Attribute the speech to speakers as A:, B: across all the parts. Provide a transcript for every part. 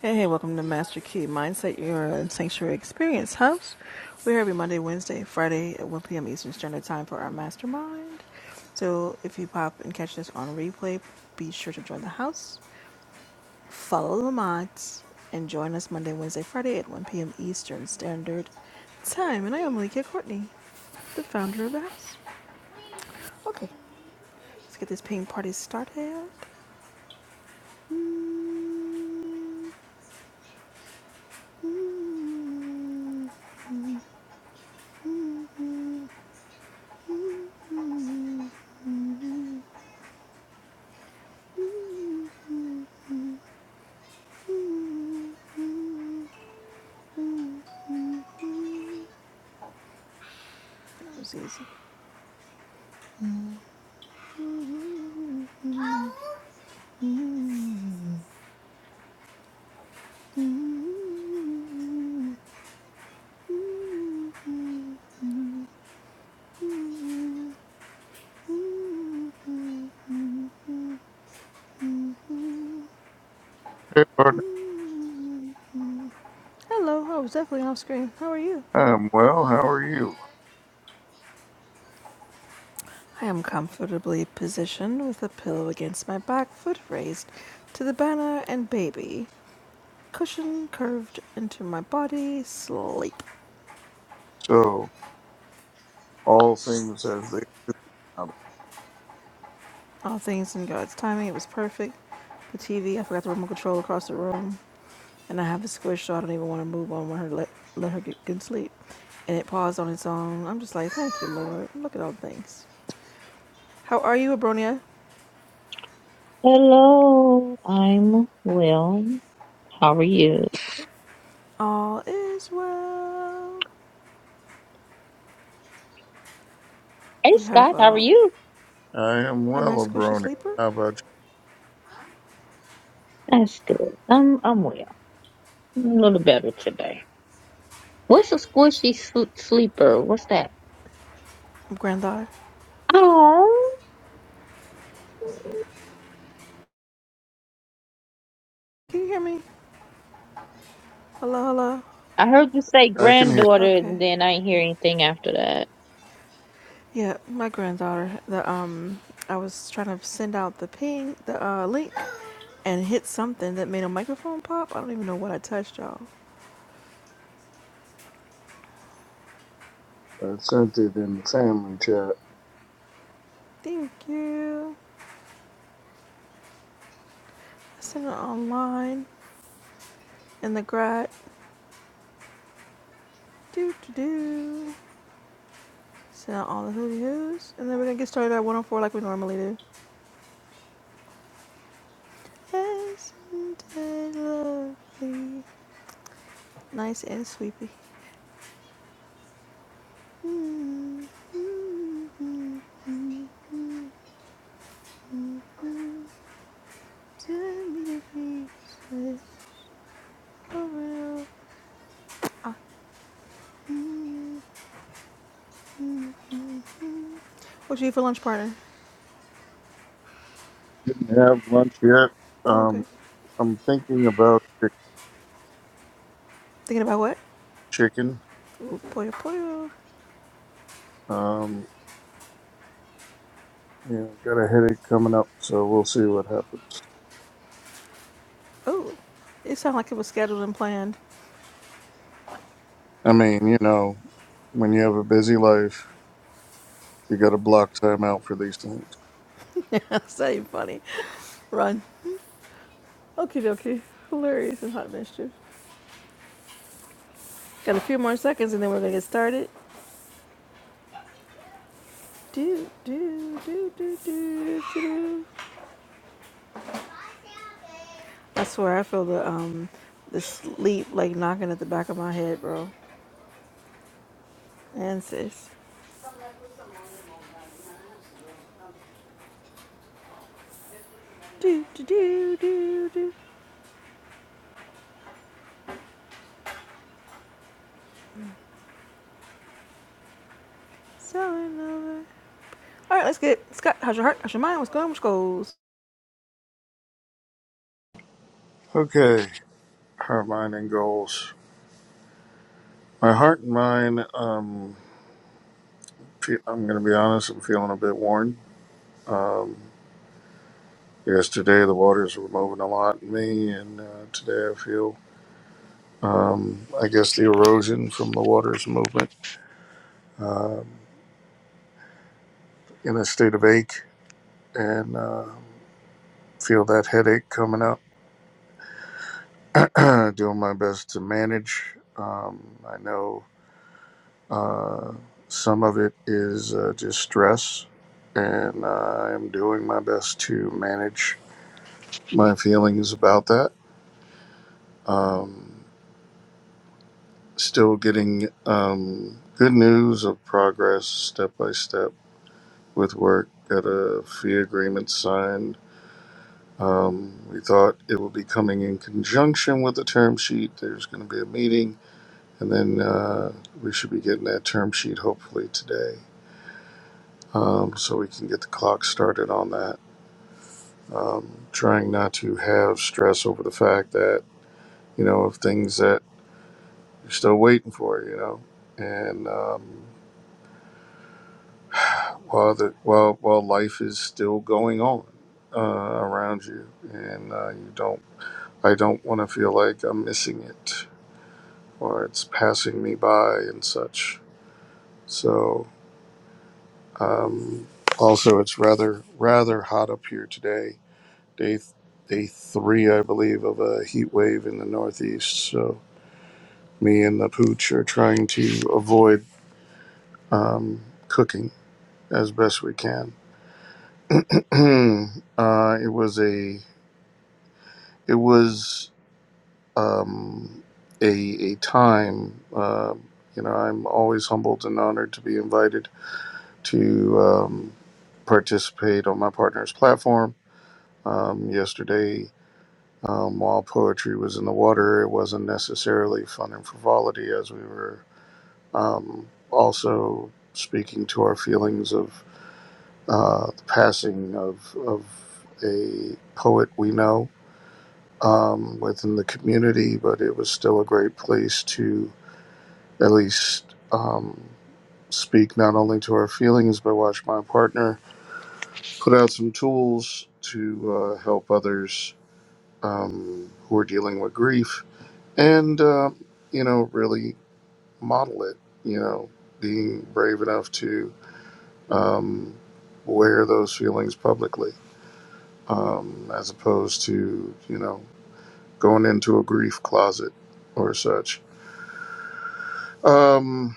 A: Hey, hey, welcome to Master Key Mindset, your sanctuary experience house. We're here every Monday, Wednesday, Friday at 1 p.m. Eastern Standard Time for our mastermind. So if you pop and catch this on replay, be sure to join the house, follow the mods, and join us Monday, Wednesday, Friday at 1 p.m. Eastern Standard Time. And I am Malikia Courtney, the founder of the house. Okay, let's get this ping party started. That was easy.
B: Hey, partner.
A: Hello, I was definitely off screen. How are you?
B: I'm well. How are you?
A: I am comfortably positioned with a pillow against my back, foot raised to the banner and baby. Cushion curved into my body, sleep.
B: So, all things as they come.
A: All things in God's timing, it was perfect. The TV, I forgot the remote control across the room, and I have a squish, so I don't even want to move on when her let, let her get good sleep. And it paused on its own. I'm just like, thank you, Lord. Look at all things. How are you, Abronia?
C: Hello, I'm well. How are you?
A: All is well.
C: Hey
A: We have
C: Scott, how are
A: um,
C: you?
B: I am
A: a
B: well,
A: nice squishy
B: Abroni.
A: sleeper.
B: How about
C: That's good. I'm I'm well. I'm a little better today. What's a squishy sl- sleeper? What's that?
A: granddaughter.
C: Oh,
A: Can you hear me? Hello, hello.
C: I heard you say
B: you? I can hear.
C: granddaughter,
A: Okay.
C: and then I didn't hear anything after that.
A: Yeah, my granddaughter. The um, I was trying to send out the ping, the uh link, and hit something that made a microphone pop. I don't even know what I touched, y'all.
B: I sent it in the family chat.
A: Thank you. I sent it online in the grad. Do do do. Send out all the hooty hoos, and then we're gonna get started at 104 like we normally do. Yes, it lovely, nice and sweepy. Mm, mm, mm, mm, mm. What you eat for lunch, partner?
B: Didn't have lunch yet.
A: Oh, okay.
B: Um, I'm thinking about chi-
A: Thinking about what?
B: chicken.
A: Ooh, pollo pollo.
B: Um, yeah, got a headache coming up, so we'll see what happens.
A: Oh, it sounded like it was scheduled and planned.
B: I mean, you know, when you have a busy life, you got to block time out for these things.
A: Yeah, That's not even funny. Run. Okie dokie. Hilarious and hot mischief. Got a few more seconds and then we're gonna get started. Do do do do do do. I swear I feel the um the sleep like knocking at the back of my head, bro. And sis. Do do do do do. Selling over. All right, let's get Scott. How's your heart? How's your mind? What's going? on? What's goals?
B: Okay, heart, mind, and goals. My heart and mind. Um, Fe- I'm going to be honest, I'm feeling a bit worn. Um, yesterday, the waters were moving a lot in me, and uh, today I feel, um, I guess, the erosion from the water's movement Um in a state of ache and uh, feel that headache coming up. Doing my best to manage. Um, I know uh, some of it is uh, just stress, and uh, I am doing my best to manage my feelings about that. Um, Still getting um, good news of progress step by step with work. Got a fee agreement signed. Um, we thought it would be coming in conjunction with the term sheet. There's going to be a meeting, and then uh, we should be getting that term sheet hopefully today, um, so we can get the clock started on that. Um, trying not to have stress over the fact that you know of things that you're still waiting for, you know, and um, while the while while life is still going on uh, around you, and uh, you don't. I don't want to feel like I'm missing it or it's passing me by and such. So um, also, it's rather rather hot up here today. Day day three, I believe, of a heat wave in the Northeast. So me and the pooch are trying to avoid um, cooking as best we can. uh, it was a it was um, a, a time. Uh, you know, I'm always humbled and honored to be invited to um, participate on my partner's platform. Um, yesterday, um, while poetry was in the water, it wasn't necessarily fun and frivolity as we were um, also speaking to our feelings of uh, the passing of, of a poet we know um, within the community, but it was still a great place to. at least um, speak not only to our feelings, but watch my partner put out some tools to uh, help others um, who are dealing with grief and, uh, you know, really model it, you know, being brave enough to um, wear those feelings publicly um, as opposed to, you know, going into a grief closet or such. Um,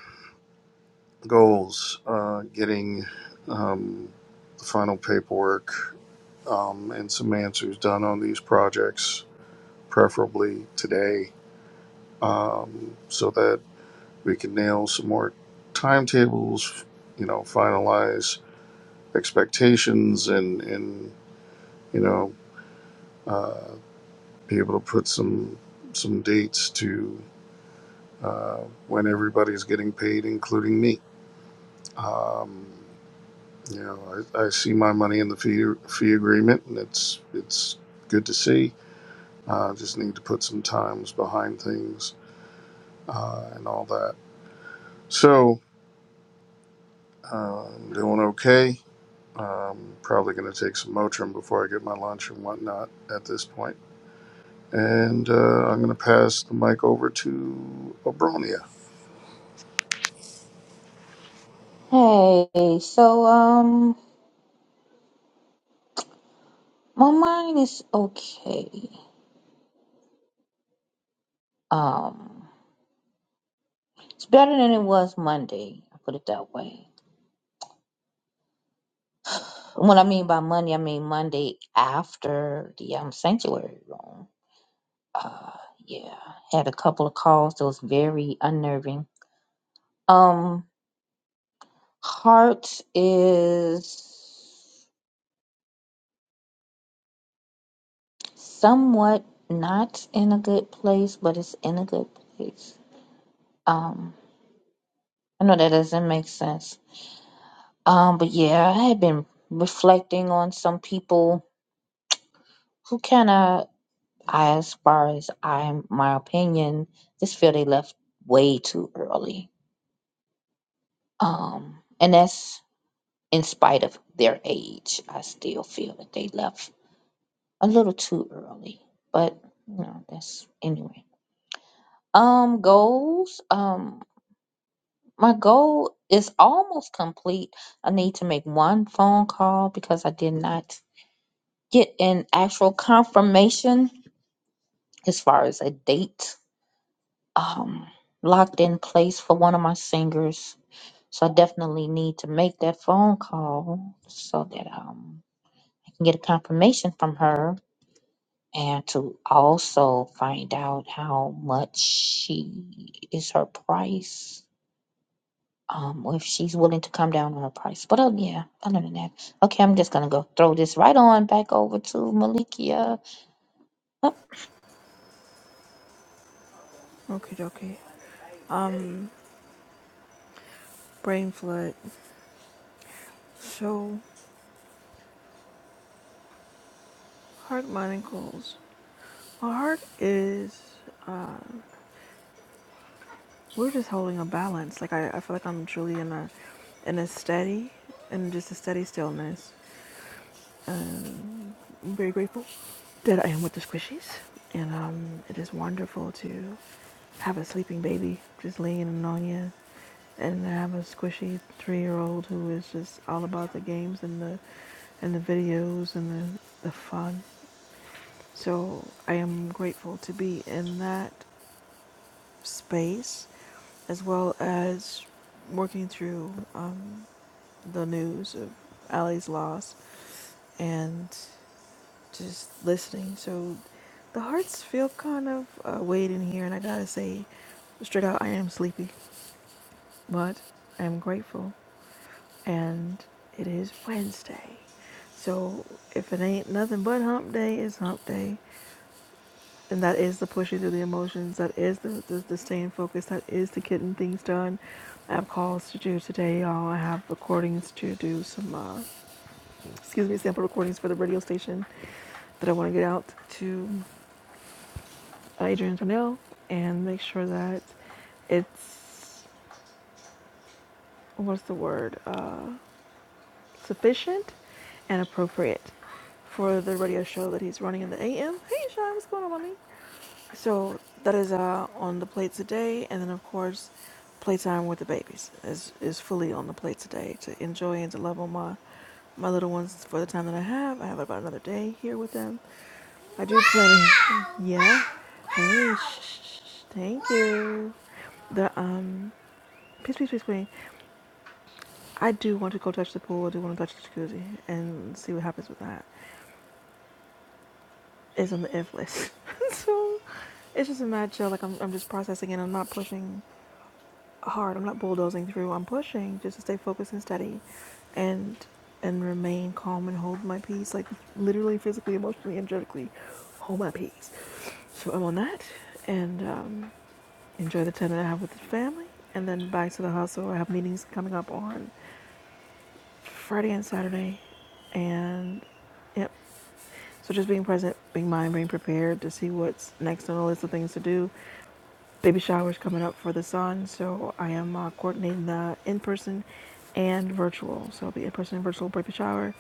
B: goals, uh, getting um, the final paperwork um, and some answers done on these projects, preferably today, um, so that we can nail some more timetables, you know, finalize expectations and, and you know, uh, be able to put some some dates to uh, when everybody's getting paid, including me. Um, You know, I, I see my money in the fee fee agreement, and it's it's good to see. Uh, just need to put some times behind things uh, and all that. So uh, I'm doing okay. Um, probably going to take some Motrin before I get my lunch and whatnot at this point. And uh, I'm going to pass the mic over to Abronia.
C: Hey, so um, my mind is okay. Um, it's better than it was Monday. I put it that way. What I mean by Monday, I mean Monday after the um sanctuary room. uh, yeah, had a couple of calls. It was very unnerving. Um, heart is somewhat not in a good place, but it's in a good place. Um, I know that doesn't make sense. Um, but yeah, I had been reflecting on some people who kind of, as far as i my opinion, just feel they left way too early. Um, and that's in spite of their age, I still feel that they left a little too early. But you know, that's anyway. Um, goals. Um, my goal is almost complete. I need to make one phone call because I did not get an actual confirmation as far as a date um locked in place for one of my singers. So I definitely need to make that phone call so that um I can get a confirmation from her and to also find out how much she is her price. Um, or if she's willing to come down on her price. But oh yeah, other than that, okay, I'm just gonna go throw this right on back over to Malikia.
A: Okay, okay. Um, brain flood. So heart, mind, and goals. My heart is. Uh, we're just holding a balance. Like I, I feel like I'm truly in a, in a steady, in just a steady stillness. Um, I'm very grateful that I am with the squishies, and um, it is wonderful to have a sleeping baby just laying in on you, and have a squishy three-year-old who is just all about the games and the and the videos and the, the fun. So I am grateful to be in that space, as well as working through um, the news of Allie's loss and just listening. So the hearts feel kind of uh, weighed in here, and I gotta say, straight out, I am sleepy, but I am grateful. And it is Wednesday, so if it ain't nothing but hump day, it's hump day. And that is the pushing through the emotions. That is the, the, the staying focused. That is the getting things done. I have calls to do today, y'all. I have recordings to do some, uh, excuse me, sample recordings for the radio station that I want to get out to. Adrian Tonell and make sure that it's what's the word uh, sufficient and appropriate for the radio show that he's running in the AM. Hey, Sean, what's going on, mommy? So that is uh, on the plate today, and then of course, playtime with the babies is is fully on the plate today to enjoy and to love on my my little ones for the time that I have. I have about another day here with them, I do plenty. Yeah. Hey, shh, shh, shh. thank you. The um, peace, peace, peace, queen. I do want to go touch the pool. I do want to touch the jacuzzi and see what happens with that. It's on the if list. so it's just a mad chill. Like I'm, I'm just processing and I'm not pushing hard. I'm not bulldozing through. I'm pushing just to stay focused and steady, and and remain calm and hold my peace. Like literally, physically, emotionally, energetically, hold my peace. So I'm on that, and um, enjoy the time that I have with the family, and then back to the hustle. I have meetings coming up on Friday and Saturday, and yep. So just being present, being mind, being prepared to see what's next on the list of things to do. Baby showers coming up for the son, so I am uh, coordinating the in-person and virtual. So the in-person and virtual baby shower,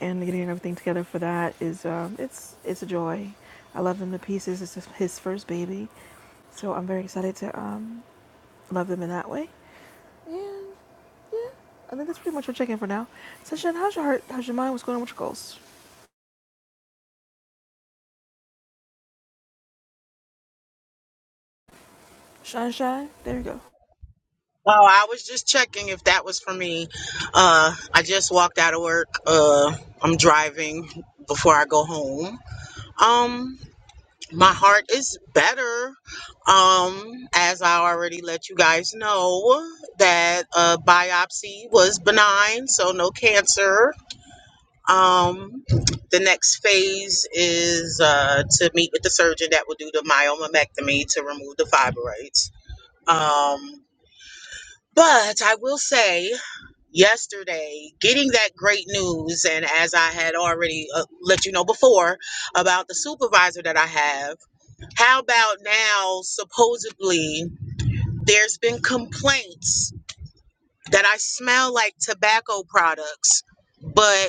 A: and getting everything together for that is um, it's it's a joy. I love them to pieces. It's his first baby, so I'm very excited to um, love them in that way. Yeah, yeah. I think that's pretty much our check-in for now. Sunshine, how's your heart? How's your mind? What's going on with your goals? Shine, shine. There you go.
D: Oh, I was just checking if that was for me. Uh, I just walked out of work. Uh, I'm driving before I go home. Um, my heart is better. Um, as I already let you guys know that uh, biopsy was benign, so no cancer. Um, the next phase is uh, to meet with the surgeon that will do the myomectomy to remove the fibroids. Um, but I will say. yesterday getting that great news and as i had already uh, let you know before about the supervisor that i have how about now supposedly there's been complaints that i smell like tobacco products but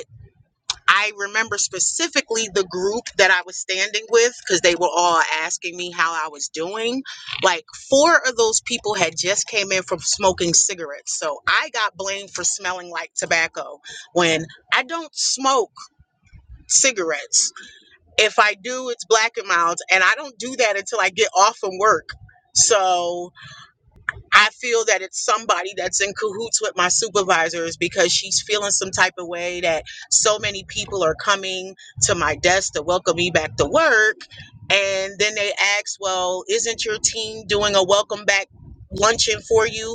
D: I remember specifically the group that I was standing with because they were all asking me how I was doing. Like four of those people had just came in from smoking cigarettes. So I got blamed for smelling like tobacco when I don't smoke cigarettes. If I do, it's black and mild and I don't do that until I get off from work. So I feel that it's somebody that's in cahoots with my supervisors because she's feeling some type of way that so many people are coming to my desk to welcome me back to work. And then they ask, Well, isn't your team doing a welcome back luncheon for you?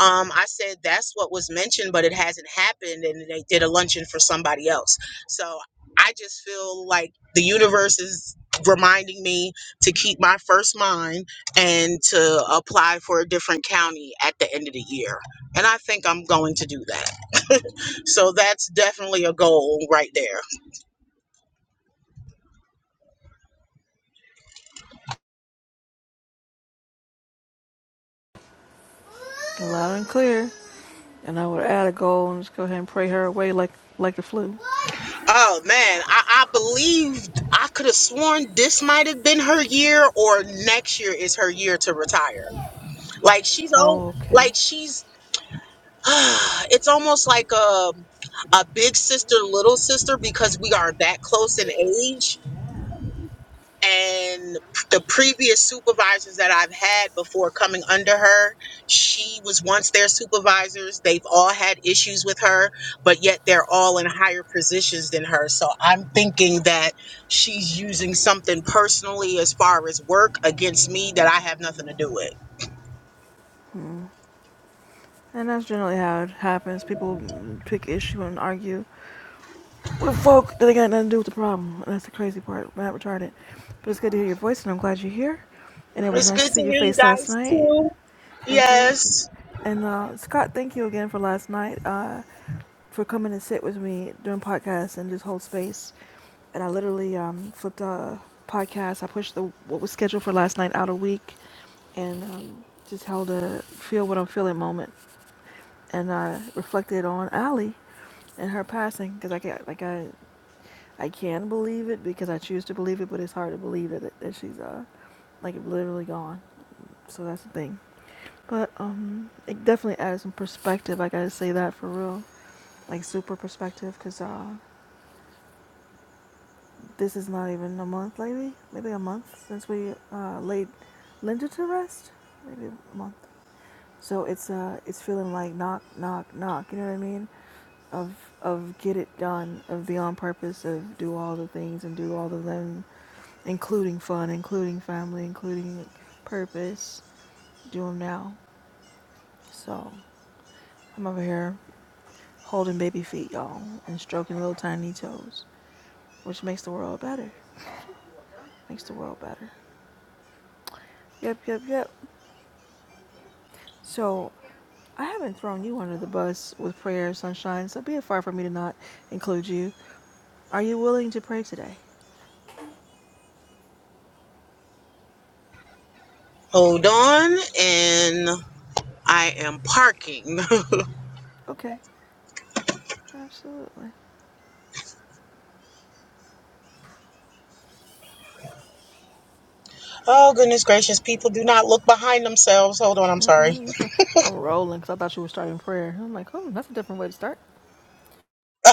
D: Um, I said, That's what was mentioned, but it hasn't happened. And they did a luncheon for somebody else. So I just feel like the universe is reminding me to keep my first mind and to apply for a different county at the end of the year. And I think I'm going to do that. So that's definitely a goal right there.
A: Loud and clear. And I would add a goal and just go ahead and pray her away like like the flu.
D: Oh man, I, I believed I could have sworn this might have been her year or next year is her year to retire. Like she's old
A: Oh, okay.
D: like she's it's almost like a a big sister little sister because we are that close in age and the previous supervisors that I've had before coming under her she was once their supervisors they've all had issues with her but yet they're all in higher positions than her so I'm thinking that she's using something personally as far as work against me that I have nothing to do with
A: And that's generally how it happens. People pick issue and argue with folk that they got nothing to do with the problem. And that's the crazy part. I'm not retarded. But it's good to hear your voice, and I'm glad you're here. And it was
D: it's
A: nice
D: good
A: to see
D: to
A: your
D: hear you
A: face last
D: guys
A: night.
D: too
A: Thank you.
D: yes
A: And uh, Scott, thank you again for last night. Uh, for coming to sit with me doing podcasts and just hold space. And I literally um, flipped a podcast. I pushed the what was scheduled for last night out a week, and um, just held a feel what I'm feeling moment. And I reflected on Allie and her passing because I can't like I I can believe it because I choose to believe it, but it's hard to believe that that she's uh like literally gone. So that's the thing. But um, it definitely added some perspective. I gotta say that for real, like super perspective, because uh, This is not even a month, maybe? Maybe a month since we uh, laid Linda to rest? Maybe a month. So it's uh, it's feeling like knock, knock, knock. You know what I mean? Of of get it done, of be on purpose, of do all the things and do all of them, including fun, including family, including purpose. Do them now. So I'm over here holding baby feet, y'all, and stroking little tiny toes, which makes the world better. Makes the world better. Yep, yep, yep. So, I haven't thrown you under the bus with prayer, sunshine, so be it far from me to not include you. Are you willing to pray today?
D: Hold on, and I am parking.
A: Okay, absolutely.
D: oh, goodness gracious. People do not look behind themselves. Hold on, I'm sorry.
A: Mm-mm, you feel, I'm rolling because I thought you were starting prayer. I'm like, oh, that's a different way to start.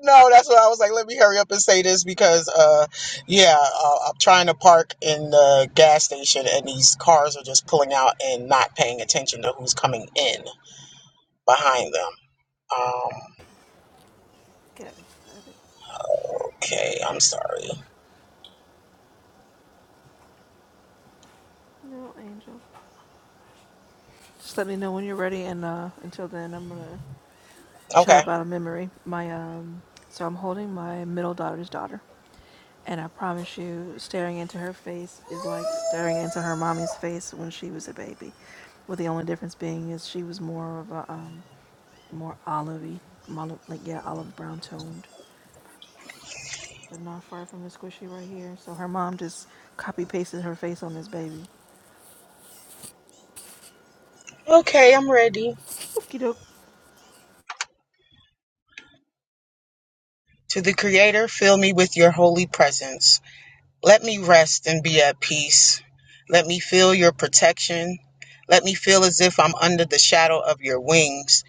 D: no, that's why I was like, let me hurry up and say this because, uh, yeah, uh, I'm trying to park in the gas station and these cars are just pulling out and not paying attention to who's coming in behind them. Um,
A: Okay.
D: okay, I'm sorry.
A: No, angel. Just let me know when you're ready, and uh, until then, I'm gonna chat
D: Okay.
A: about a memory. My um, so I'm holding my middle daughter's daughter, and I promise you, staring into her face is like staring into her mommy's face when she was a baby, with the only difference being is she was more of a um, more olivey, mol- like yeah, olive brown toned, but not far from the squishy right here. So her mom just copy pasted her face on this baby.
D: Okay, I'm ready.
A: Okie doke.
D: To the Creator, fill me with your holy presence. Let me rest and be at peace. Let me feel your protection. Let me feel as if I'm under the shadow of your wings.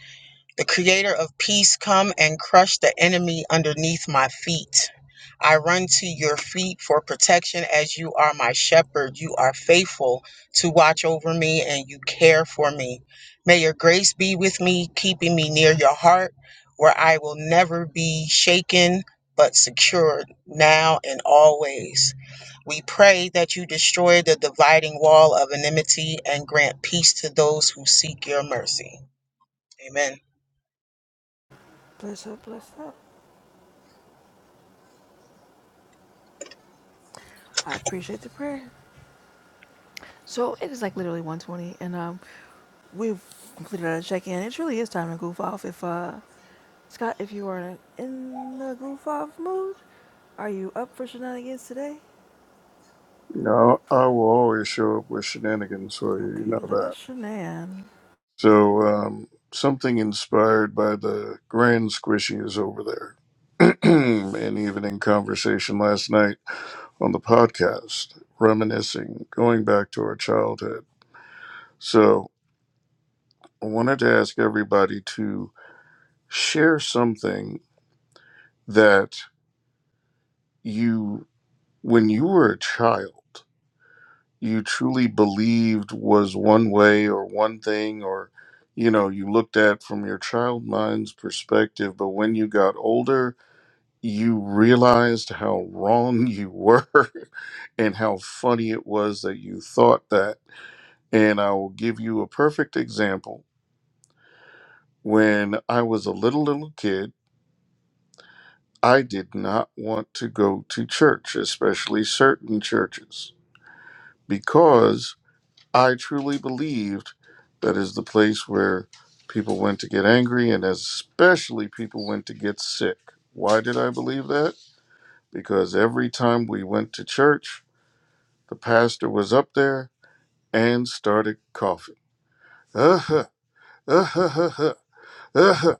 D: The creator of peace, come and crush the enemy underneath my feet. I run to your feet for protection as you are my shepherd. You are faithful to watch over me and you care for me. May your grace be with me, keeping me near your heart, where I will never be shaken but secured now and always. We pray that you destroy the dividing wall of enmity and grant peace to those who seek your mercy. Amen.
A: Bless up, bless up. I appreciate the prayer. So it is like literally 1:20, and um, we've completed our check-in. It truly is time to goof off. If uh, Scott, if you are in the goof off mood, are you up for shenanigans today?
B: You know, I will always show up with shenanigans for you. You
A: Okay, let
B: know
A: us shenan.
B: So um, something inspired by the grand squishies over there, and even in conversation last night on the podcast, reminiscing, going back to our childhood. So I wanted to ask everybody to share something that you, when you were a child, you truly believed was one way or one thing or you know you looked at from your child mind's perspective but when you got older you realized how wrong you were and how funny it was that you thought that. And I will give you a perfect example. When I was a little, little kid, I did not want to go to church, especially certain churches, because I truly believed that is the place where people went to get angry and especially people went to get sick. Why did I believe that? Because every time we went to church, The pastor was up there and started coughing. Uh-huh, uh-huh, uh-huh, uh-huh,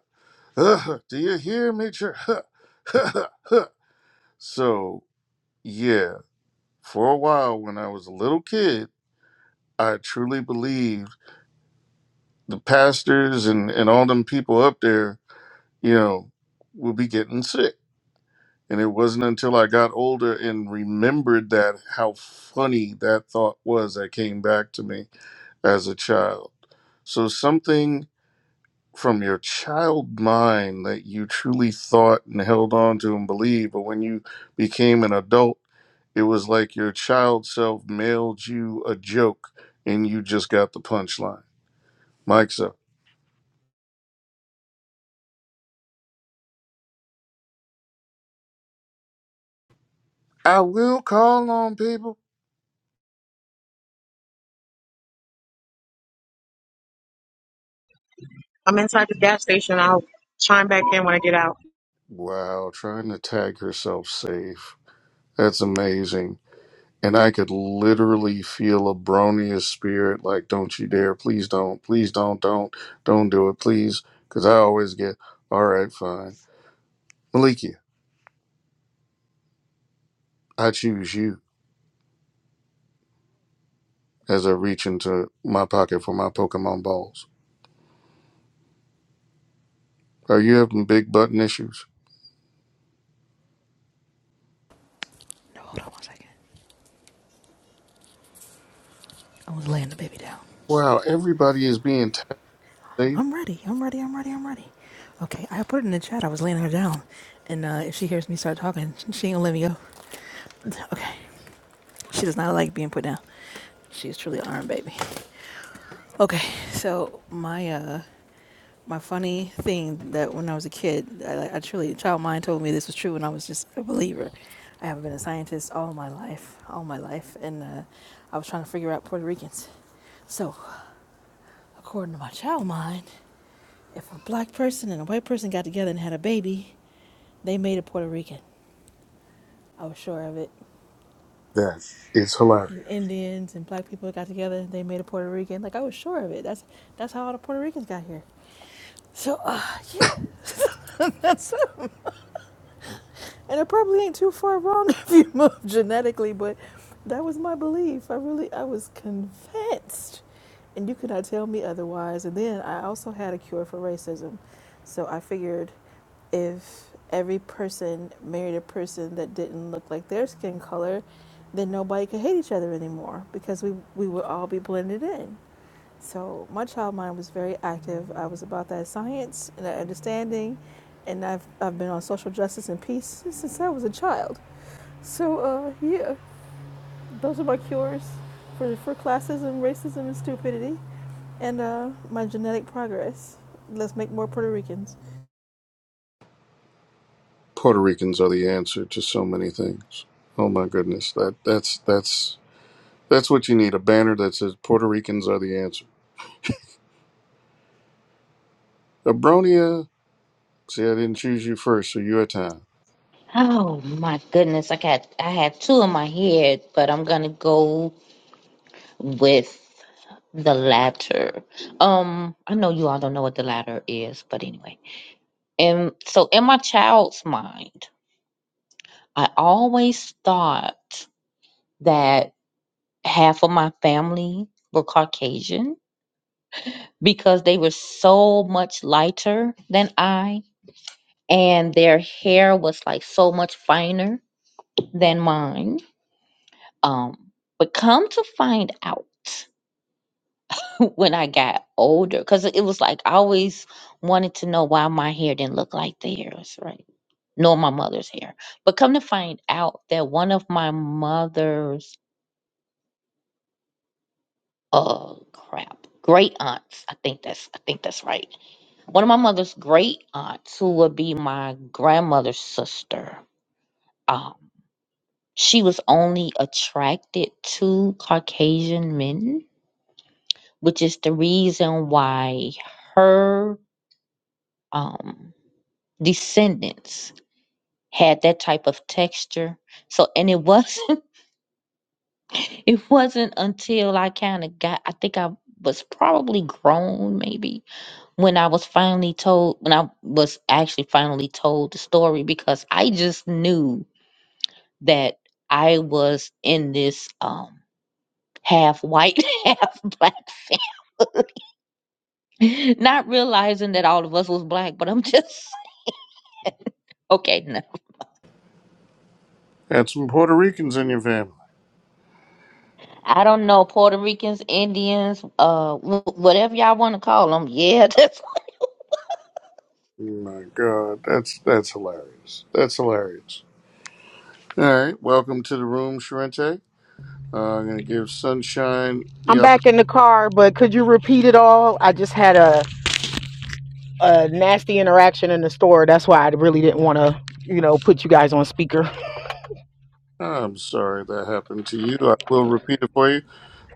B: uh-huh. Do you hear me? Jer- Huh, huh, huh, huh. So, yeah, for a while when I was a little kid, I truly believed the pastors and, and all them people up there, you know, would be getting sick. And it wasn't until I got older and remembered that how funny that thought was that came back to me as a child. So something from your child mind that you truly thought and held on to and believed, but when you became an adult, it was like your child self mailed you a joke and you just got the punchline. Mike's up. I will call on people.
D: I'm in out.
B: Wow, trying to tag herself safe. That's amazing. And I could literally feel a bronious spirit like, don't you dare, please don't, please don't, don't, don't do it, please. Because I always get, all right, fine. Maliki. I choose you as I reach into my pocket for my Pokemon balls. Are you having big button issues?
A: No, hold on one second. I was laying the baby down.
B: Wow, everybody is being tech safe.
A: I'm ready. I'm ready. I'm ready. I'm ready. Okay, I put it in the chat. I was laying her down, and uh, if she hears me start talking, she ain't gonna let me go. Okay, she does not like being put down. She is truly an iron baby. Okay, so my uh my funny thing that when I was a kid, I, I truly child mind told me this was true, and I was just a believer. I haven't been a scientist all my life, all my life, and uh, I was trying to figure out Puerto Ricans. So, according to my child mind, if a black person and a white person got together and had a baby, they made a Puerto Rican. I was sure of it.
B: That is hilarious.
A: And Indians and black people got together, they made a Puerto Rican. Like I was sure of it. That's that's how all the Puerto Ricans got here. So uh yeah. that's. And it probably ain't too far wrong if you move genetically, but that was my belief. I really, I was convinced. And you could not tell me otherwise. And then I also had a cure for racism. So I figured if every person married a person that didn't look like their skin color, then nobody could hate each other anymore because we, we would all be blended in. So my child mind was very active. I was about that science and that understanding, and I've I've been on social justice and peace since I was a child. So uh, yeah, those are my cures for for classism, racism, and stupidity, and uh, my genetic progress. Let's make more Puerto Ricans.
B: Puerto Ricans are the answer to so many things. Oh my goodness, that that's that's that's what you need. A banner that says Puerto Ricans are the answer. Abronia, see, I didn't choose you first, so you're time.
C: Oh my goodness, I got I had two in my head, but I'm gonna go with the latter. Um, I know you all don't know what the latter is, but anyway. And so in my child's mind, I always thought that half of my family were Caucasian because they were so much lighter than I, and their hair was like so much finer than mine. Um, but come to find out when I got older, because it was like I always wanted to know why my hair didn't look like theirs, right? Nor my mother's hair. But come to find out that one of my mother's oh crap. Great aunts, I think that's I think that's right One of my mother's great aunts, who would be my grandmother's sister, um, she was only attracted to Caucasian men, which is the reason why her um, descendants had that type of texture. So, and it wasn't, it wasn't until I kind of got, I think I was probably grown maybe when I was finally told, when I was actually finally told the story because I just knew that I was in this um half white, half black family, not realizing that all of us was black, but I'm just okay. No,
B: Add some Puerto Ricans in your family.
C: I don't know Puerto Ricans, Indians, uh, wh- whatever y'all want to call them. Yeah, that's
B: Oh my God, that's that's hilarious. That's hilarious. All right, welcome to the room, Sharente. Uh, I'm going to give Sunshine the
D: I'm
B: opportunity.
D: back in the car, but could you repeat it all? I just had a, a nasty interaction in the store. That's why I really didn't want to, you know, put you guys on speaker.
B: I'm sorry that happened to you. I will repeat it for you.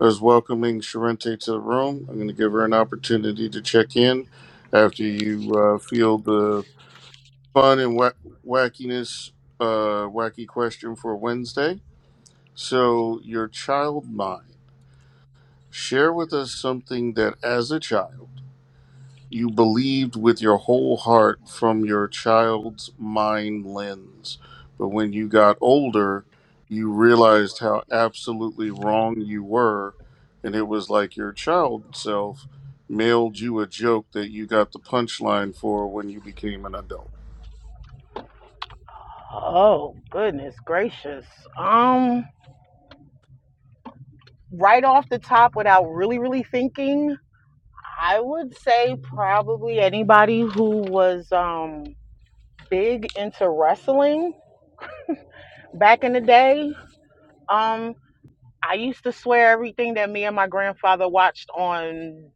B: I was welcoming Sharente to the room. I'm going to give her an opportunity to check in after you uh, feel the fun and wha- wackiness, uh, wacky question for Wednesday. So, your child mind. Share with us something that as a child, You believed with your whole heart from your child's mind lens. But when you got older, you realized how absolutely wrong you were. And it was like your child self mailed you a joke that you got the punchline for when you became an adult.
D: Oh, goodness gracious. Um, right off the top without really really thinking, I would say probably anybody who was um big into wrestling back in the day, um, I used to swear everything that me and my grandfather watched on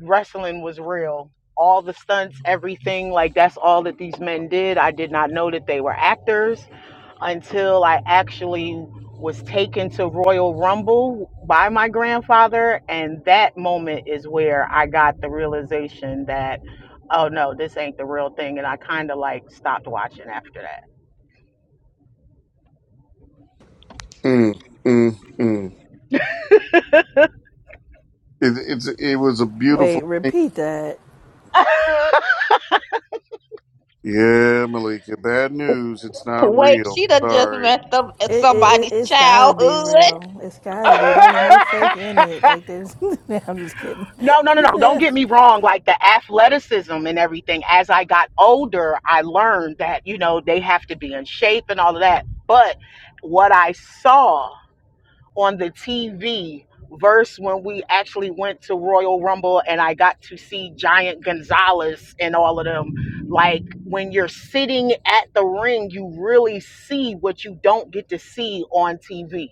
D: wrestling was real. All the stunts, everything, like that's all that these men did. I did not know that they were actors until I actually was taken to Royal Rumble by my grandfather. And that moment is where I got the realization that, oh no, this ain't the real thing. And I kind of like stopped watching after
B: Mm, mm, mm. It, it's, it was a beautiful
A: Wait,
B: thing.
A: repeat that.
D: that.
B: Yeah, Malika, bad news. It's not
C: wait.
B: real.
C: She done just
B: Sorry.
C: messed up at
A: It, it, it,
C: somebody's
A: has gotta be
C: childhood.
A: real. It's gotta be. There's no fake in it. Like, there's. I'm just kidding.
D: No, no, no, no. Don't
A: I
D: get me wrong. Like the athleticism and everything, as I got older, I learned that, you know, they have to be in shape and all of that. But what I saw on the TV versus when we actually went to Royal Rumble and I got to see Giant Gonzalez and all of them, like when you're sitting at the ring, you really see what you don't get to see on TV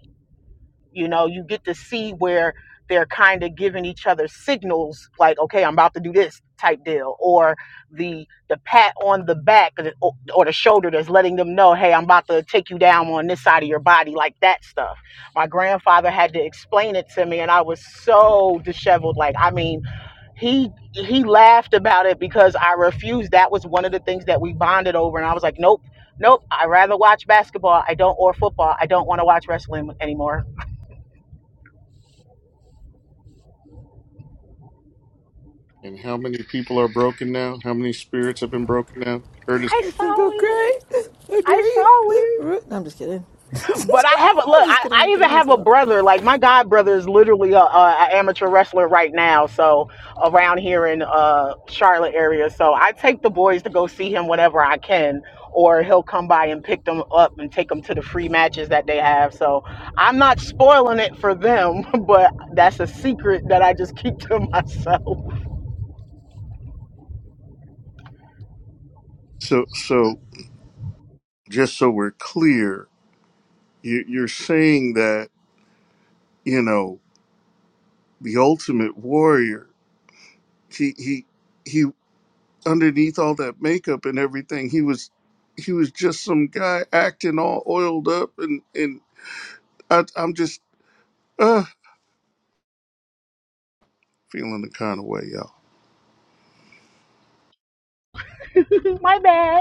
D: you know you get to see where they're kind of giving each other signals like okay i'm about to do this type deal or the the pat on the back or the, or the shoulder that's letting them know hey i'm about to take you down on this side of your body like that stuff my grandfather had to explain it to me and i was so disheveled like i mean he he laughed about it because i refused that was one of the things that we bonded over and i was like nope nope i rather watch basketball i don't or football i don't want to watch wrestling anymore
B: And how many people are broken now? How many spirits have been broken now? Curtis
D: I
A: think
D: saw
A: I'll
D: it.
A: cry. How
D: I
A: dare you?
D: saw it.
A: No, I'm just kidding.
D: But I have a
A: I'm
D: look. I,
A: just kidding.
D: I
A: I'm
D: even
A: getting I'm
D: have a
A: 12.
D: brother. Like my god brother is literally a, a, a amateur wrestler right now. So around here in uh Charlotte area. So I take the boys to go see him whenever I can, or he'll come by and pick them up and take them to the free matches that they have. So I'm not spoiling it for them, but that's a secret that I just keep to myself.
B: So, so just so we're clear, you, you're saying that you know the ultimate warrior. He he he. Underneath all that makeup and everything, he was he was just some guy acting all oiled up, and and I, I'm just uh feeling the kind of way, y'all.
D: my bad.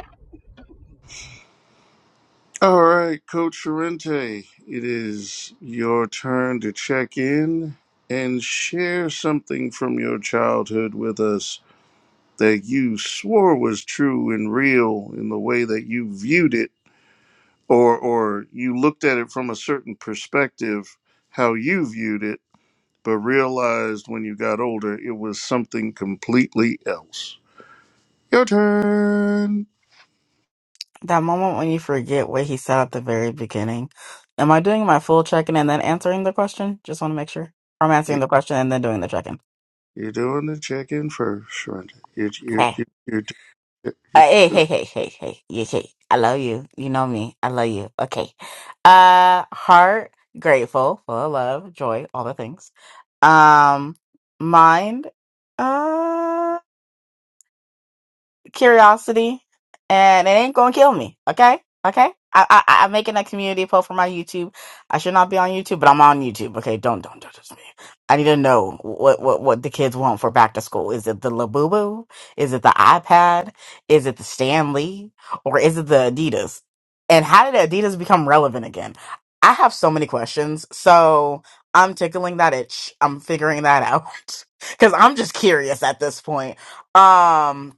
B: All right, Coach Sorrente, it is your turn to check in and share something from your childhood with us. that you swore was true and real in the way that you viewed it or or you looked at it from a certain perspective how you viewed it but realized when you got older it was something completely else your turn
E: That moment when you forget what he said at the very beginning. Am I doing my full check-in and then answering the question? Just want to make sure. I'm
B: You-
E: answering the question and then doing the check-in.
B: you're doing the check-in first Shrinda. You're, you're,
E: Okay.
B: you're, you're, doing-
E: Uh, hey,
B: you're-
E: hey, hey, hey, hey, yeah, hey. I love you. You know me. I love you. Okay. Uh, heart, grateful, full of love, joy, all the things. Um, mind. uh, curiosity, and it ain't gonna kill me. Okay, okay. I, I I'm making a community post for my YouTube. I should not be on YouTube, but I'm on YouTube. Okay, don't don't don't judge me. I need to know what what what the kids want for back to school. Is it the Labubu? Is it the iPad? Is it the Stanley? Or is it the Adidas? And how did Adidas become relevant again? I have so many questions. So I'm tickling that itch. I'm figuring that out because I'm just curious at this point. Um,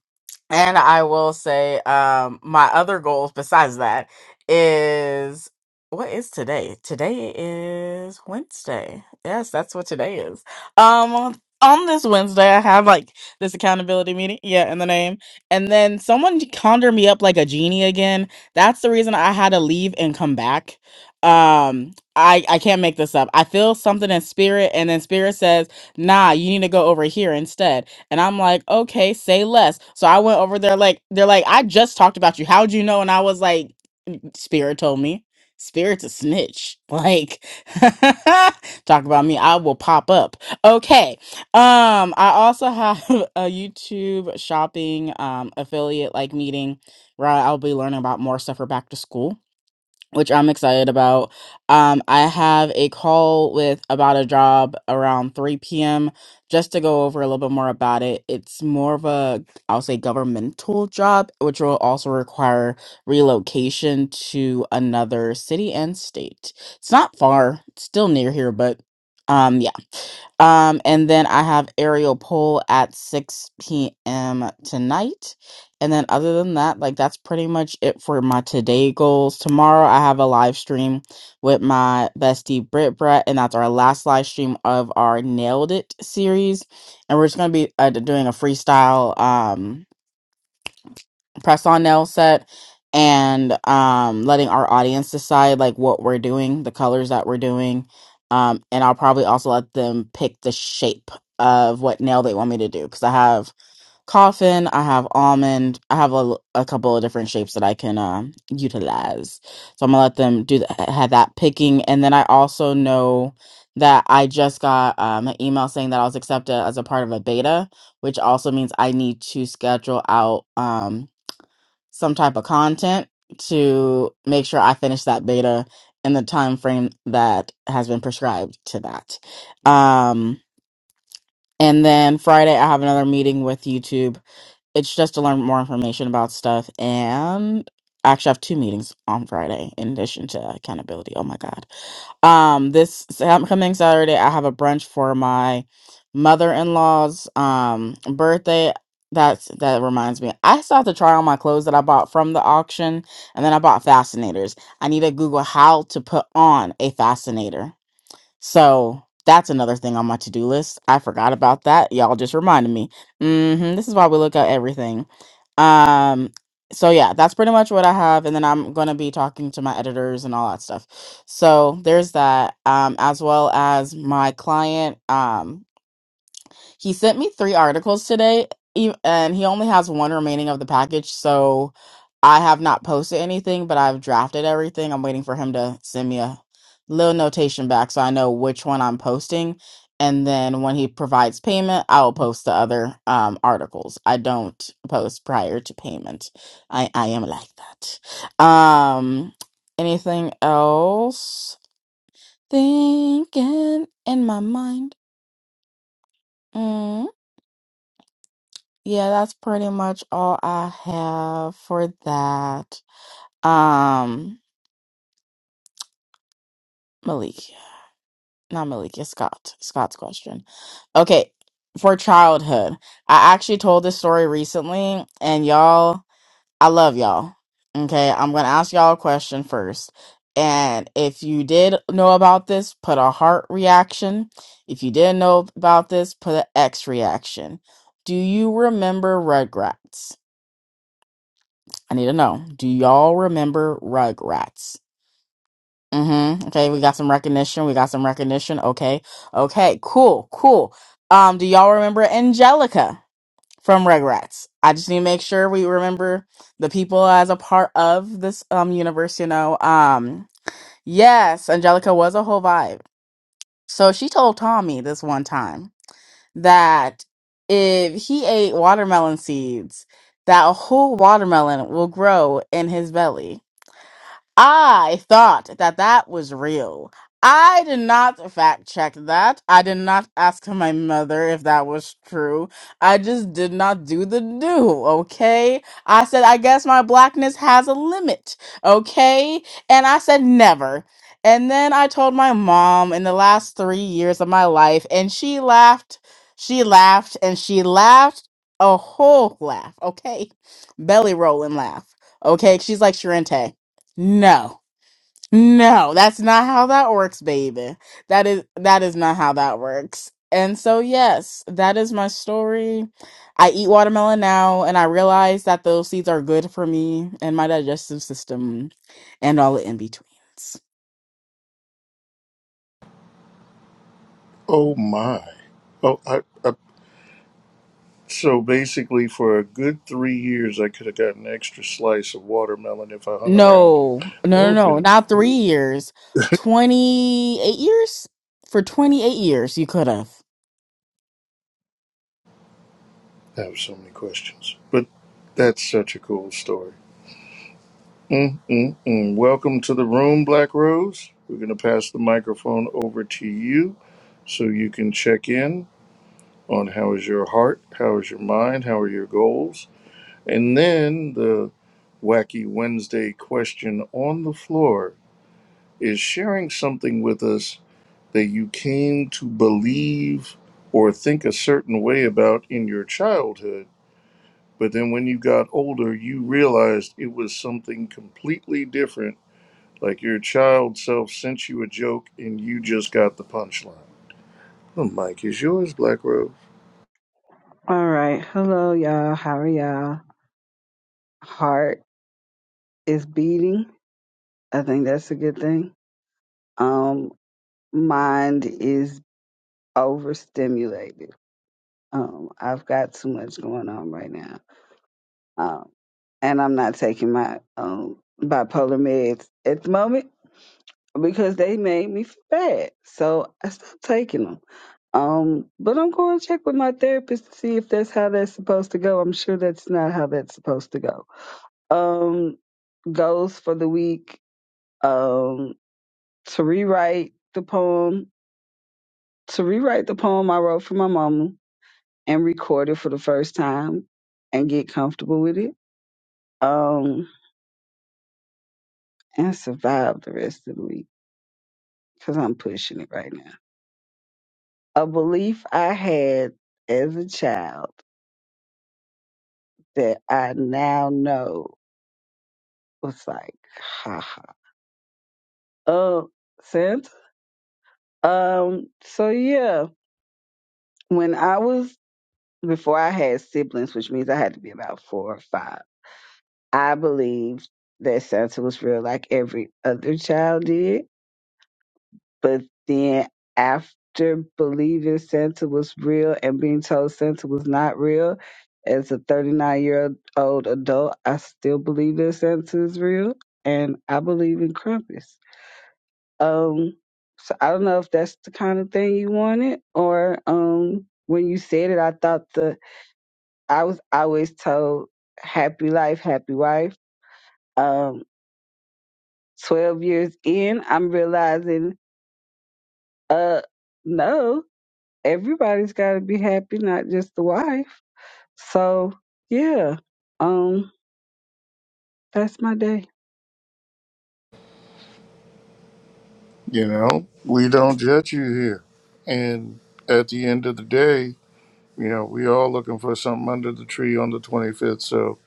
E: and I will say, um, my other goals besides that is what is today? Today is Wednesday. Yes, that's what today is. Um, on, on this Wednesday, I have like this accountability meeting. Yeah, in the name. And then someone conjured me up like a genie again. That's the reason I had to leave and come back. Um, I I can't make this up. I feel something in spirit, and then spirit says, "Nah, you need to go over here instead." And I'm like, okay, say less. So I went over there, like, they're like, I just talked about you. How'd you know? And I was like, Spirit told me. Spirit's a snitch. Like, talk about me. I will pop up. Okay. Um, I also have a YouTube shopping um affiliate like meeting where I'll be learning about more stuff for back to school which I'm excited about. Um, I have a call with about a job around 3 p.m. just to go over a little bit more about it. It's more of a, I'll say, governmental job, which will also require relocation to another city and state. It's not far, it's still near here, but um, yeah. Um, and then I have aerial poll at 6 p.m. tonight. And then other than that, like that's pretty much it for my today goals. Tomorrow I have a live stream with my bestie Brit Brett, and that's our last live stream of our Nailed It series. And we're just gonna be uh, doing a freestyle um press on nail set and um letting our audience decide like what we're doing, the colors that we're doing. Um, and I'll probably also let them pick the shape of what nail they want me to do because I have coffin i have almond i have a, a couple of different shapes that i can uh, utilize so i'm gonna let them do that have that picking and then i also know that i just got um, an email saying that i was accepted as a part of a beta which also means i need to schedule out um, some type of content to make sure i finish that beta in the time frame that has been prescribed to that um, and then friday i have another meeting with youtube it's just to learn more information about stuff. And I actually have two meetings on Friday in addition to accountability. Oh my God. Um, this Sam- coming Saturday, I have a brunch for my mother-in-law's um birthday. That's that reminds me. I still have to try on my clothes that I bought from the auction, and then I bought fascinators. I need to Google how to put on a fascinator. So that's another thing on my to do list. I forgot about that. Y'all just reminded me. hmm This is why we look at everything. Um, so yeah, that's pretty much what I have, and then I'm gonna be talking to my editors and all that stuff. So there's that, um, as well as my client. Um, he sent me three articles today, e- and he only has one remaining of the package. So I have not posted anything, but I've drafted everything. I'm waiting for him to send me a little notation back so I know which one I'm posting. And then when he provides payment, I will post the other um, articles. I don't post prior to payment. I, I am like that. Um, anything else? Thinking in my mind. Mm. Yeah, that's pretty much all I have for that. Um, Malik, not Malik, it's Scott. Scott's question. Okay, for childhood, I actually told this story recently, and y'all, I love y'all. Okay, I'm gonna ask y'all a question first. And if you did know about this, put a heart reaction. If you didn't know about this, put an X reaction. Do you remember Rugrats? I need to know. Do y'all remember Rugrats? Mm-hmm. Okay, we got some recognition. We got some recognition. Okay. Okay. Cool. Cool. Um, do y'all remember Angelica from Rugrats? I just need to make sure we remember the people as a part of this um universe, you know. Um, yes, Angelica was a whole vibe. So she told Tommy this one time that if he ate watermelon seeds, that a whole watermelon will grow in his belly. I thought that that was real. I did not fact check that. I did not ask my mother if that was true. I just did not do the do, okay? I said, I guess my blackness has a limit, okay? And I said, never. And then I told my mom in the last three years of my life, and she laughed, she laughed, and she laughed a whole laugh, okay? Belly rolling laugh, okay? She's like Sharente. No. No, that's not how that works, baby. That is that is not how that works. And so yes, that is my story. I eat watermelon now and I realize that those seeds are good for me and my digestive system and all the in-betweens.
B: oh my oh I, I So basically, for a good three years, I could have gotten an extra slice of watermelon if I hung around you.
E: No.
B: That
E: No, no,
B: would have
E: no.
B: been
E: Not 3
B: cool.
E: years. 28 years? For 28 years you could have.
B: I have so many questions, but that's such a cool story. Mm-mm-mm. Welcome to the room, Black Rose. We're going to pass the microphone over to you so you can check in on how is your heart, how is your mind, how are your goals, and then the wacky Wednesday question on the floor is sharing something with us that you came to believe or think a certain way about in your childhood. But then when you got older, you realized it was something completely different. Like your child self sent you a joke and you just got the punchline. The mic is yours, Black Rose.
F: All right. Hello, y'all. How are y'all? Heart is beating. I think that's a good thing. Um, mind is overstimulated. Um, I've got too much going on right now. Um, and I'm not taking my um bipolar meds at the moment because they made me feel bad. So I stopped taking them. Um, but I'm going to check with my therapist to see if that's how that's supposed to go. I'm sure that's not how that's supposed to go. Um, goes for the week um, to rewrite the poem, to rewrite the poem I wrote for my mama and record it for the first time and get comfortable with it um, and survive the rest of the week because I'm pushing it right now. A belief I had as a child that I now know was like, haha. Oh, Santa? Um, so yeah, when I was before I had siblings, which means I had to be about four or five, I believed that Santa was real like every other child did. But then after believing Santa was real and being told Santa was not real, as a 39 year old adult, I still believe that Santa is real and I believe in Krampus. Um, so I don't know if that's the kind of thing you wanted or um, when you said it, I thought the I was always told happy life, happy wife. Um, 12 years in, I'm realizing, uh, no, everybody's got to be happy, not just the wife. So, yeah, um, that's my day.
B: You know, we don't judge you here. And at the end of the day, you know, we all looking for something under the tree on the 25th. So,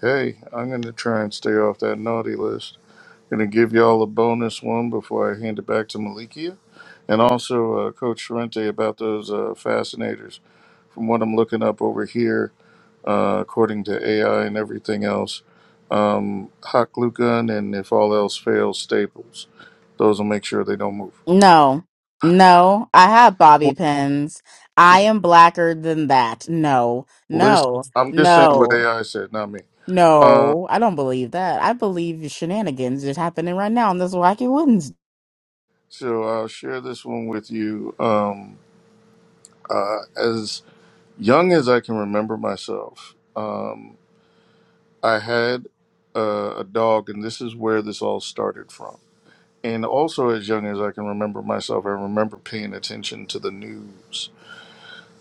B: hey, I'm going to try and stay off that naughty list. Going to give y'all a bonus one before I hand it back to Malikia. And also, uh, Coach Sorrente, about those uh, fascinators. From what I'm looking up over here, uh, according to AI and everything else, um, hot glue gun and if all else fails, staples. Those will make sure they don't move.
E: No, no, I have bobby pins. I am blacker than that. No,
B: List.
E: no,
B: I'm just saying what
E: no,
B: AI said, not me. Uh,
E: no. I don't believe that. I believe the shenanigans just happening right now on this wacky Wednesday.
B: so I'll share this one with you. Um, uh, as young as I can remember myself. Um, I had uh, a dog, and this is where this all started from. And also, as young as I can remember myself, I remember paying attention to the news.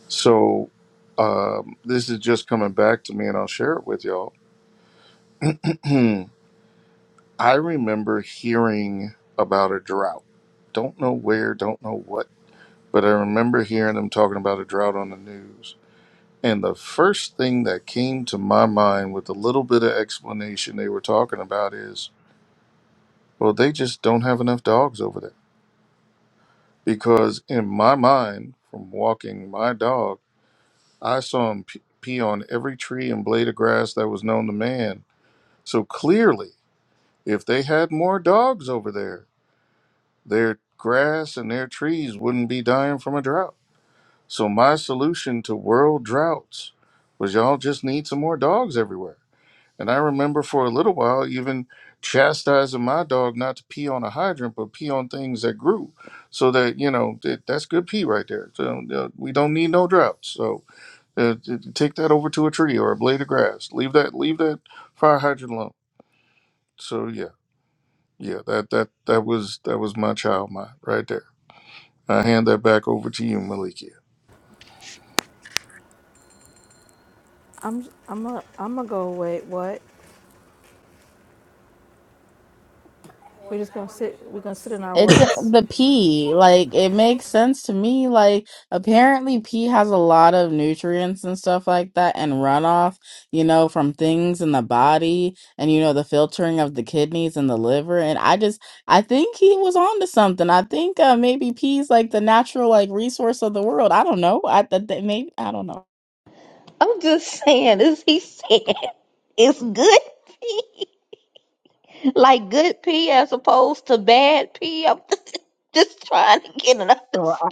B: So, um, this is just coming back to me, and I'll share it with y'all. I remember hearing about a drought. Don't know where, don't know what, but I remember hearing them talking about a drought on the news. And the first thing that came to my mind with a little bit of explanation they were talking about is Well, they just don't have enough dogs over there. Because in my mind, from walking my dog, I saw him p- pee on every tree and blade of grass that was known to man. So clearly, if they had more dogs over there, their grass and their trees wouldn't be dying from a drought. So my solution to world droughts was y'all just need some more dogs everywhere. And I remember for a little while even chastising my dog not to pee on a hydrant, but pee on things that grew. So that, you know, that, that's good pee right there. So, uh, we don't need no droughts. So uh, t- take that over to a tree or a blade of grass. Leave that, leave that fire hydrant alone. So yeah, yeah, that, that, that was, that was my child mind right there. I hand that back over to you, Malikia.
A: I'm I'm a I'm gonna go away. What? We're just gonna sit. We're gonna sit in our
E: It's uh,
A: what's.
E: the pea. Like it makes sense to me. Like apparently pea has a lot of nutrients and stuff like that and runoff, you know, from things in the body and you know the filtering of the kidneys and the liver and I just I think he was onto something. I think uh maybe pea's like the natural like resource of the world. I don't know. I th- th- maybe I don't know.
C: I'm just saying, as he said, it's good pee, like good pee as opposed to bad pee. I'm just trying to get an
F: So
C: understanding.
F: I,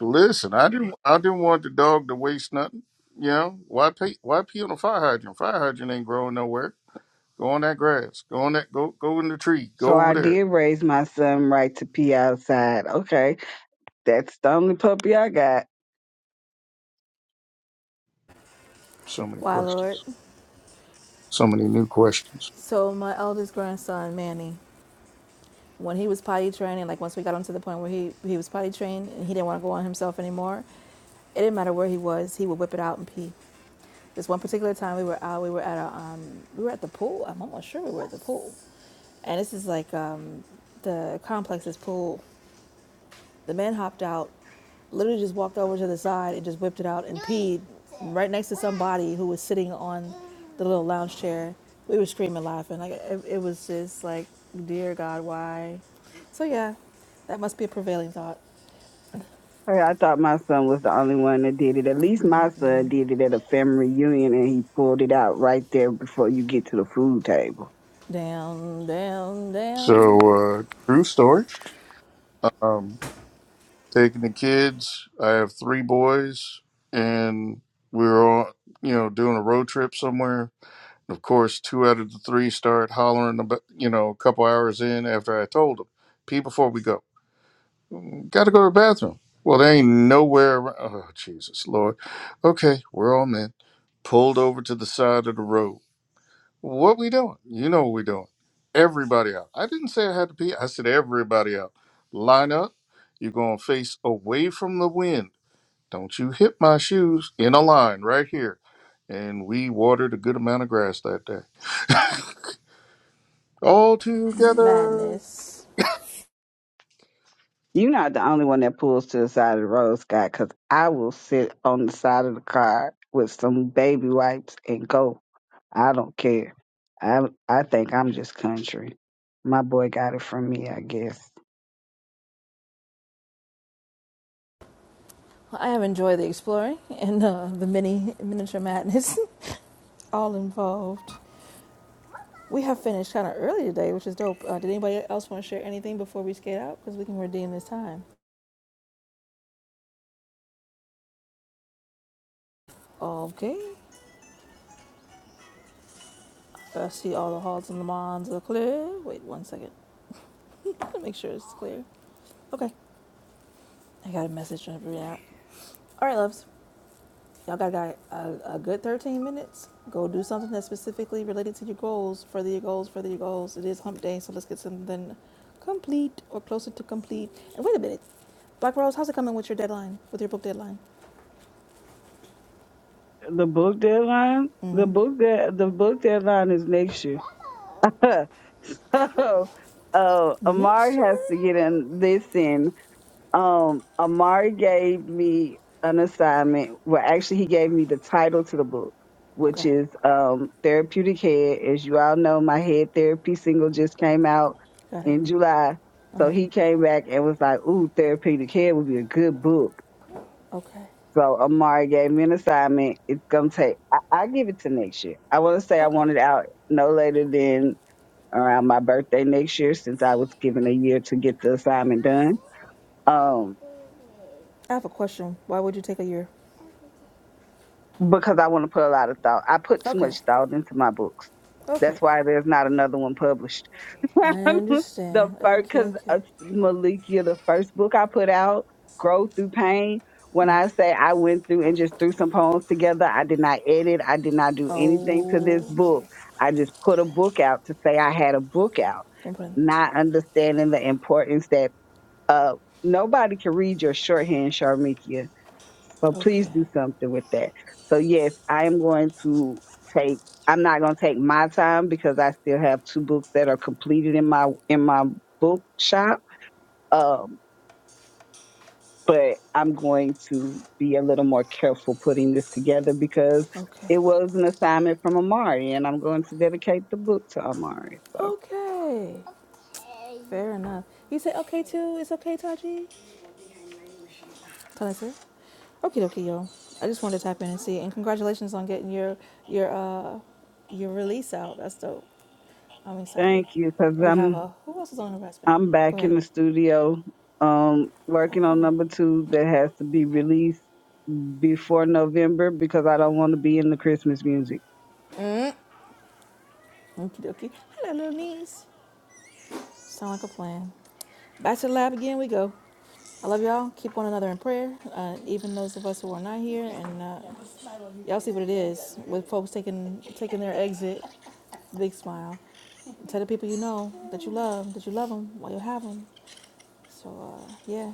B: Listen, I didn't, I didn't want the dog to waste nothing. You know, why pee, why pee on a fire hydrant? Fire hydrant ain't growing nowhere Go on that grass. Go on that. Go go in the tree. Go
F: so
B: over
F: I
B: there.
F: did raise my son right to pee outside. Okay, that's the only puppy I got.
B: So many
A: Why, Lord?
B: questions. So many new questions.
A: So my eldest grandson Manny, when he was potty training, like once we got him to the point where he he was potty trained and he didn't want to go on himself anymore, it didn't matter where he was. He would whip it out and pee. This one particular time we were out. We were at a um we were at the pool. I'm almost sure we were at the pool, and this is like um the complex's pool The man hopped out, literally just walked over to the side and just whipped it out and peed right next to somebody who was sitting on the little lounge chair. We were screaming, laughing. Like it, it was just like, dear God, why? So yeah, that must be a prevailing thought.
F: Hey, I thought my son was the only one that did it. At least my son did it at a family reunion and he pulled it out right there before you get to the food table.
A: Down, down,
B: So
A: down.
B: uh, true story. Um, taking the kids. I have three boys, and we were all You know, doing a road trip somewhere. And of course, two out of the three start hollering about. You know, a couple hours in after I told them, "Pee before we go. Got to go to the bathroom." Well, there ain't nowhere. Around. Oh, Jesus, Lord. Okay, we're all men. Pulled over to the side of the road What we doing? You know what we doing. Everybody out. I didn't say I had to pee. I said everybody out. Line up. You're gonna face away from the wind. Don't you hit my shoes in a line right here. And we watered a good amount of grass that day. All together.
A: Madness.
F: You're not the only one that pulls to the side of the road, Scott, because I will sit on the side of the car with some baby wipes and go. I don't care. I I think I'm just country. My boy got it from me, I guess.
A: I have enjoyed the exploring and uh, the mini miniature madness, all involved. We have finished kind of early today, which is dope. Uh, did anybody else want to share anything before we skate out? Because we can redeem this time. Okay. I see all the halls and the mons are clear. Wait one second. Let me make sure it's clear. Okay. I got a message on every app. All right, loves. Y'all got, got a, a good 13 minutes. Go do something that's specifically related to your goals. Further your goals, further your goals. It is hump day, so let's get something complete or closer to complete. And wait a minute. Black Rose, how's it coming with your deadline, with your book deadline?
F: The book deadline? The
A: Mm-hmm.
F: book de- the book deadline is next year. oh, oh, Amari
A: Next
F: has to get in
A: year?
F: this in. Um, Amari gave me an assignment. Well, actually, he gave me the title to the book, which
A: Okay,
F: is um, Therapeutic Head. As you all know, my head therapy single just came out
A: got it.
F: in July.
A: Uh
F: So
A: huh.
F: he came back and was like, Ooh, Therapeutic Head would be a good book.
A: Okay,
F: So Amari gave me an assignment. It's going to take, I, I give it to next year. I want to say I
A: okay.
F: want it out no later than around my birthday next year, since I was given a year to get the assignment done. Um,
A: I have a question. Why would you take a year?
F: because I want to put a lot of thought. I put too
A: Okay,
F: much thought into my books. That's
A: okay.
F: why there's not another one published.
A: I
F: the
A: understand.
F: first,
A: Okay,
F: because
A: okay.
F: uh, Malikia, the first book I put out, Grow Through Pain, when
A: Mm.
F: I say I went through and just threw some poems together, I did not edit, I did not do anything to this
A: Oh, okay,
F: book. I just put a
A: okay.
F: book out to say I had a book out,
A: Don't put in.
F: not understanding the importance that uh, nobody can read your shorthand, Sharmikia. So please
A: Okay,
F: do something with that. So yes, I am going to take. I'm not going to take my time because I still have two books that are completed in my in my book shop. Um, but I'm going to be a little more careful putting this together because
A: okay, okay.
F: it was an assignment from Amari, and I'm going to dedicate the book to Amari. So
A: Okay. Fair enough. You say okay too. It's okay, Taji. Can I say? Okay, okay, yo. I just wanted to tap in and see. And congratulations on getting your your uh your release out. That's dope. I'm excited.
F: thank you because
A: We have
F: I'm.
A: a who else is on investment?
F: I'm
A: Go
F: back
A: ahead.
F: in the studio, um,
A: Oh,
F: working
A: good.
F: on number two that has to be released before November because I don't want to be in the Christmas music.
A: Mm. Okie dokie. Hello, little niece. Sound like a plan. Back to the lab again. We go. I love y'all. Keep one another in prayer. Uh, even those of us who are not here, and uh, y'all see what it is with folks taking taking their exit. Big smile. Tell the people you know that you love that you love them while you have them. So uh, yeah,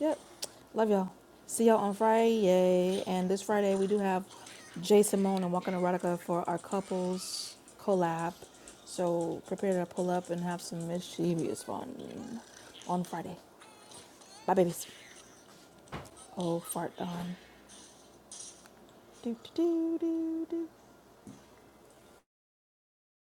A: Yep. Love y'all. See y'all on Friday. And this Friday we do have Jay Simone and Walking Erotica for our couples collab. So prepare to pull up and have some mischievous fun on Friday. Bye babies. Oh fart. Um. Do do do do do.